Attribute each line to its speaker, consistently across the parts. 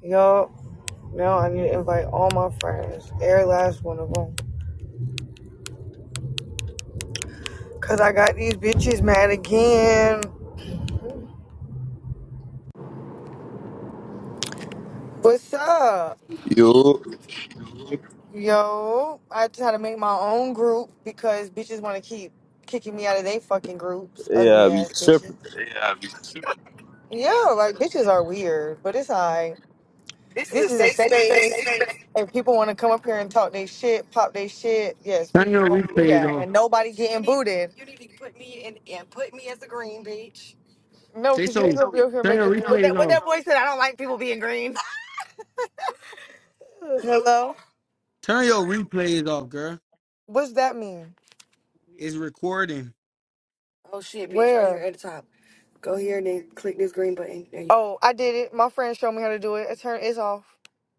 Speaker 1: Yo, Now I need to invite all my friends, every last one of them. Cause I got these bitches mad again. What's up?
Speaker 2: You,
Speaker 1: Yo, I try to make my own group because bitches want to keep kicking me out of their fucking groups.
Speaker 2: yeah, I
Speaker 1: Ugly
Speaker 2: be
Speaker 1: ass bitches.
Speaker 2: tripping.
Speaker 1: Yeah, like bitches are weird, but it's alright. This is a safe space. If people want to come up here and talk their shit, pop their shit, yes,
Speaker 3: Turn
Speaker 1: we
Speaker 3: your
Speaker 1: gonna do
Speaker 3: replays
Speaker 1: that.
Speaker 3: off.
Speaker 1: And nobody getting booted. You need to put me in and put me as a green, bitch. No,
Speaker 3: Say
Speaker 1: because you ain't
Speaker 3: so.
Speaker 1: gonna be over here
Speaker 3: Turn your
Speaker 1: making. What that
Speaker 3: replays
Speaker 1: what
Speaker 3: off.
Speaker 1: that boy said, I don't like people being green. Hello?
Speaker 3: Turn your replays off, girl.
Speaker 1: What's that mean?
Speaker 3: It's recording.
Speaker 1: Oh shit, bitch, right here Where? at the top. Go here and then click this green button. There you Oh, I did it. My friend showed me how to do it. It turned it's off.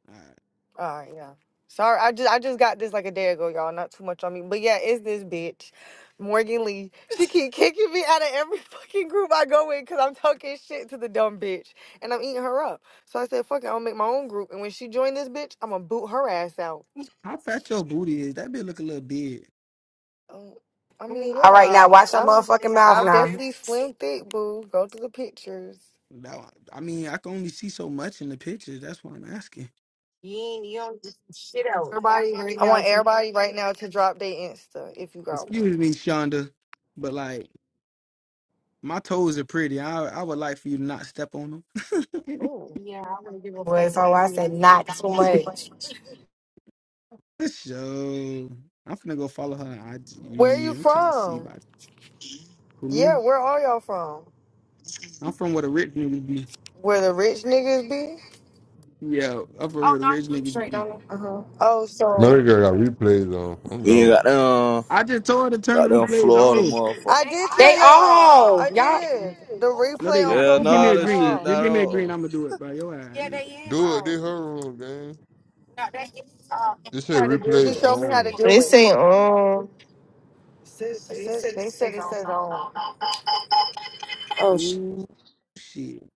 Speaker 3: Alright.
Speaker 1: All right, yeah. Sorry, I just I just got this like a day ago, y'all. Not too much on me, but yeah, it's this bitch, Morgan Lee. She keep kicking me out of every fucking group I go in because I'm talking shit to the dumb bitch and I'm eating her up. So I said, fuck it, I'll make my own group. And when she joined this bitch, I'ma boot her ass out.
Speaker 3: How fat your booty is? That bitch look a little big.
Speaker 1: Um, I mean,
Speaker 4: All right,
Speaker 1: yeah,
Speaker 4: now watch your
Speaker 1: I'm.
Speaker 4: motherfucking mouth
Speaker 1: I'm
Speaker 4: now.
Speaker 1: definitely slim thick, boo. Go to the pictures.
Speaker 3: No, I mean, I can only see so much in the pictures. That's why I'm asking.
Speaker 4: Everybody right
Speaker 1: I
Speaker 4: now
Speaker 1: want
Speaker 4: is
Speaker 1: everybody right now to drop their Insta if you got
Speaker 3: Excuse
Speaker 1: one.
Speaker 3: me, Shonda, but like my toes are pretty. I I would like for you to not step on them.
Speaker 1: Oh,
Speaker 4: was so I said not too much.
Speaker 3: For Sure. I'm finna go follow her on
Speaker 1: where
Speaker 3: IG.
Speaker 1: you
Speaker 3: I'm trying to see
Speaker 1: from?
Speaker 3: about who
Speaker 1: Yeah,
Speaker 3: me.
Speaker 1: where are y'all from?
Speaker 3: I'm from where the rich niggas be.
Speaker 1: Where the rich niggas be?
Speaker 3: Yeah, up where the rich niggas be.
Speaker 1: Oh,
Speaker 5: No,
Speaker 1: so
Speaker 5: they got replays on. I'm
Speaker 2: We ain't
Speaker 5: gone.
Speaker 2: got them,
Speaker 3: I just told her to turn the
Speaker 2: got them
Speaker 3: replays
Speaker 2: Florida
Speaker 3: off.
Speaker 2: motherfucker.
Speaker 1: I did
Speaker 4: They
Speaker 1: turn it off.
Speaker 4: all
Speaker 1: I
Speaker 4: y'all.
Speaker 1: did. The
Speaker 3: No,
Speaker 1: replay
Speaker 3: they
Speaker 1: on
Speaker 3: not.
Speaker 2: Yeah,
Speaker 3: You give me
Speaker 2: nah,
Speaker 3: a
Speaker 1: profiles
Speaker 2: that
Speaker 3: green.
Speaker 2: shit
Speaker 1: off.
Speaker 3: You
Speaker 2: not
Speaker 3: give me a green.
Speaker 2: on.
Speaker 3: I'm gonna do it, bro. Yo, ass. not.
Speaker 5: Do it. They her room, gang. This shit
Speaker 1: She
Speaker 5: replays
Speaker 1: showed me how to
Speaker 5: on.
Speaker 1: do
Speaker 6: They
Speaker 1: it.
Speaker 6: say, um,
Speaker 1: It says they said it says on.
Speaker 3: Ooh, shit.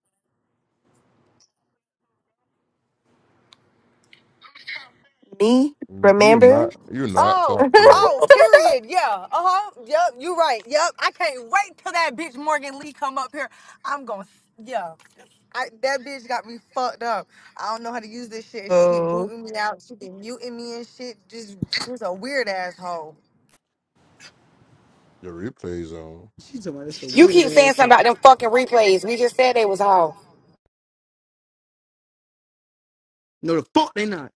Speaker 6: me,
Speaker 5: You
Speaker 6: remember?
Speaker 5: not. You not
Speaker 1: Oh,
Speaker 5: talk like
Speaker 1: oh, period. Yeah. Uh-huh. Yep, you right. Yep. I can't wait till that bitch Morgan Lee come up here. I'm gonna yeah. I, that bitch got me fucked up. I don't know how to use this shit. She keep
Speaker 6: oh,
Speaker 1: booting me out. She be muting me and shit. Just she's a weird asshole.
Speaker 5: the replays on.
Speaker 3: She's talking about that's a
Speaker 4: You
Speaker 3: weird
Speaker 4: keep
Speaker 3: ass.
Speaker 4: saying something
Speaker 3: thing.
Speaker 4: about them fucking replays. We just said they was all.
Speaker 3: No, the fuck they not.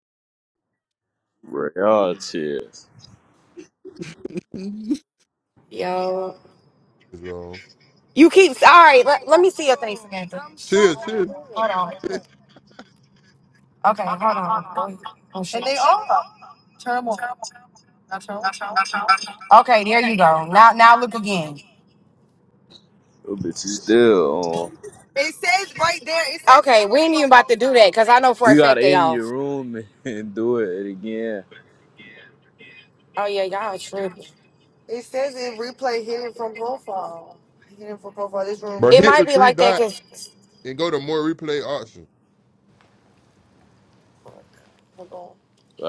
Speaker 2: Bro, y'all cheers.
Speaker 5: It's on.
Speaker 4: You keep all right. Let, let me see your thing, Samantha.
Speaker 5: Chill, chill.
Speaker 4: Hold on. Okay, hold on. Oh ahead. Oh, shit. Okay, there you go. Now, now look again.
Speaker 2: Those bitches still on.
Speaker 4: Okay, we ain't even about to do that because I know for
Speaker 2: You
Speaker 4: a
Speaker 2: gotta
Speaker 4: fact they
Speaker 2: in your
Speaker 4: off.
Speaker 2: room and and do it again.
Speaker 4: Oh yeah, y'all tripping.
Speaker 1: It says it replay hidden from profile. Hidden from profile. This room.
Speaker 5: but
Speaker 4: It
Speaker 1: It
Speaker 5: hit
Speaker 4: might
Speaker 5: the
Speaker 1: might. be
Speaker 4: be
Speaker 5: three
Speaker 1: like
Speaker 4: like
Speaker 1: that.
Speaker 4: that
Speaker 5: dot
Speaker 1: because
Speaker 4: because.
Speaker 5: and go to more replay option.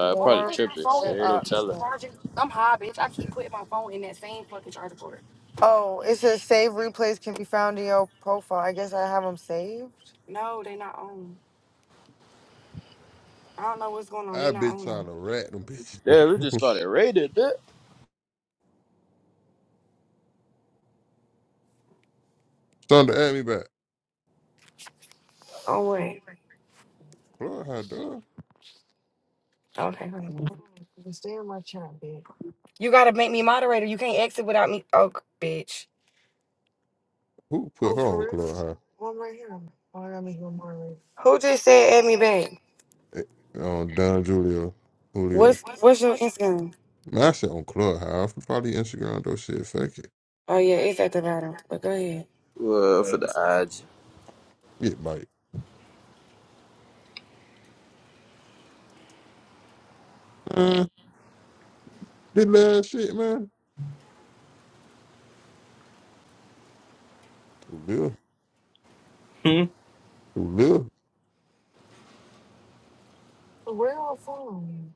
Speaker 1: Why you
Speaker 2: probably
Speaker 1: more is my
Speaker 2: tripping
Speaker 1: phone in
Speaker 2: shit.
Speaker 1: uh,
Speaker 2: Don't tell her.
Speaker 1: charging? I'm high, bitch. I keep putting my phone in that same fucking charger cord. oh it says save replays can be found in your profile i guess i have them saved No, they not on. I don't know what's going on. They
Speaker 5: I
Speaker 1: not
Speaker 5: bitch
Speaker 1: on
Speaker 5: trying
Speaker 1: though.
Speaker 5: to rat them bitches.
Speaker 2: Yeah, we just started raiding that.
Speaker 5: Thunder at me back.
Speaker 4: Oh wait.
Speaker 5: Club High, dog.
Speaker 4: Okay. hold on. You gotta make me moderator. You can't exit without me. Oh, bitch.
Speaker 5: Who put her on Club
Speaker 4: Who just said add me back?
Speaker 5: High? Eh, On Don Julio. Julio.
Speaker 4: What's what's your Instagram?
Speaker 5: Man, I said on Club High. Probably Instagram, though. Shit, fuck it.
Speaker 4: Oh yeah, it's at the bottom. But go ahead.
Speaker 2: Well, for the
Speaker 5: Get bite. Uh, this last shit, man. For real.
Speaker 2: IG. Hmm.
Speaker 5: For real.
Speaker 4: Where are from?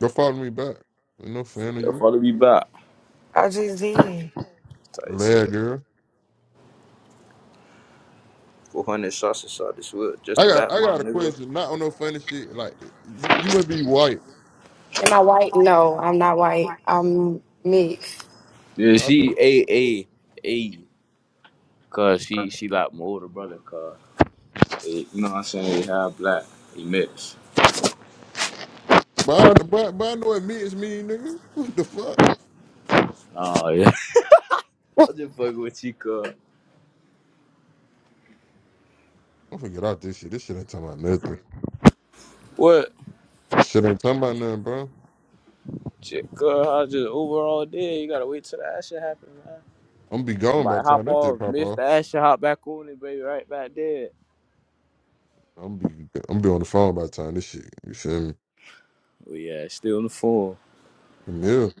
Speaker 5: Go follow me back. Ain't no fan of
Speaker 2: They'll
Speaker 5: you.
Speaker 2: probably be back.
Speaker 4: I just did.
Speaker 2: Tight shit.
Speaker 5: Lad girl.
Speaker 2: 400 shots inside this wood. Just
Speaker 5: I got
Speaker 2: about
Speaker 5: I
Speaker 2: my
Speaker 5: got a
Speaker 2: nigga.
Speaker 5: question, not on no funny shit. Like you, you must be white.
Speaker 4: Am I white? No, I'm not white. I'm mixed.
Speaker 2: Yeah,
Speaker 5: I
Speaker 2: she
Speaker 5: can-
Speaker 2: A A A. Cause she she like my older brother. cuz. You know what I'm saying? He half black. He mixed.
Speaker 5: But I, but, but I know it means me, nigga. What the fuck?
Speaker 2: Oh yeah. I just fucking with you,
Speaker 5: I'm gonna get out this shit. This shit ain't talking about nothing.
Speaker 2: What?
Speaker 5: This shit ain't talking about nothing, bro.
Speaker 2: Shit, I just Uber all day. You gotta wait till that shit happen, man.
Speaker 5: I'm gonna be gone by
Speaker 2: Might
Speaker 5: the time
Speaker 2: hop
Speaker 5: that
Speaker 2: off,
Speaker 5: shit pop
Speaker 2: miss
Speaker 5: off.
Speaker 2: that shit, hop back on it, baby, right back there.
Speaker 5: I'm be I'm be on the phone by the time this shit. You feel me?
Speaker 2: Oh yeah, still in the form.
Speaker 5: Camille.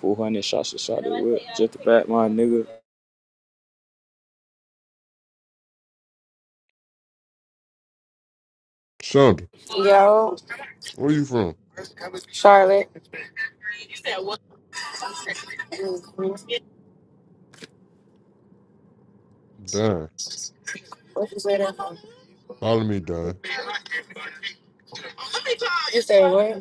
Speaker 2: 400 shots of shot that whip. Just the back, my nigga.
Speaker 5: Shonda,
Speaker 4: Yo,
Speaker 5: where you from?
Speaker 4: Charlotte. What
Speaker 5: Done.
Speaker 4: you say that for?
Speaker 5: Follow me, Don.
Speaker 4: You say what?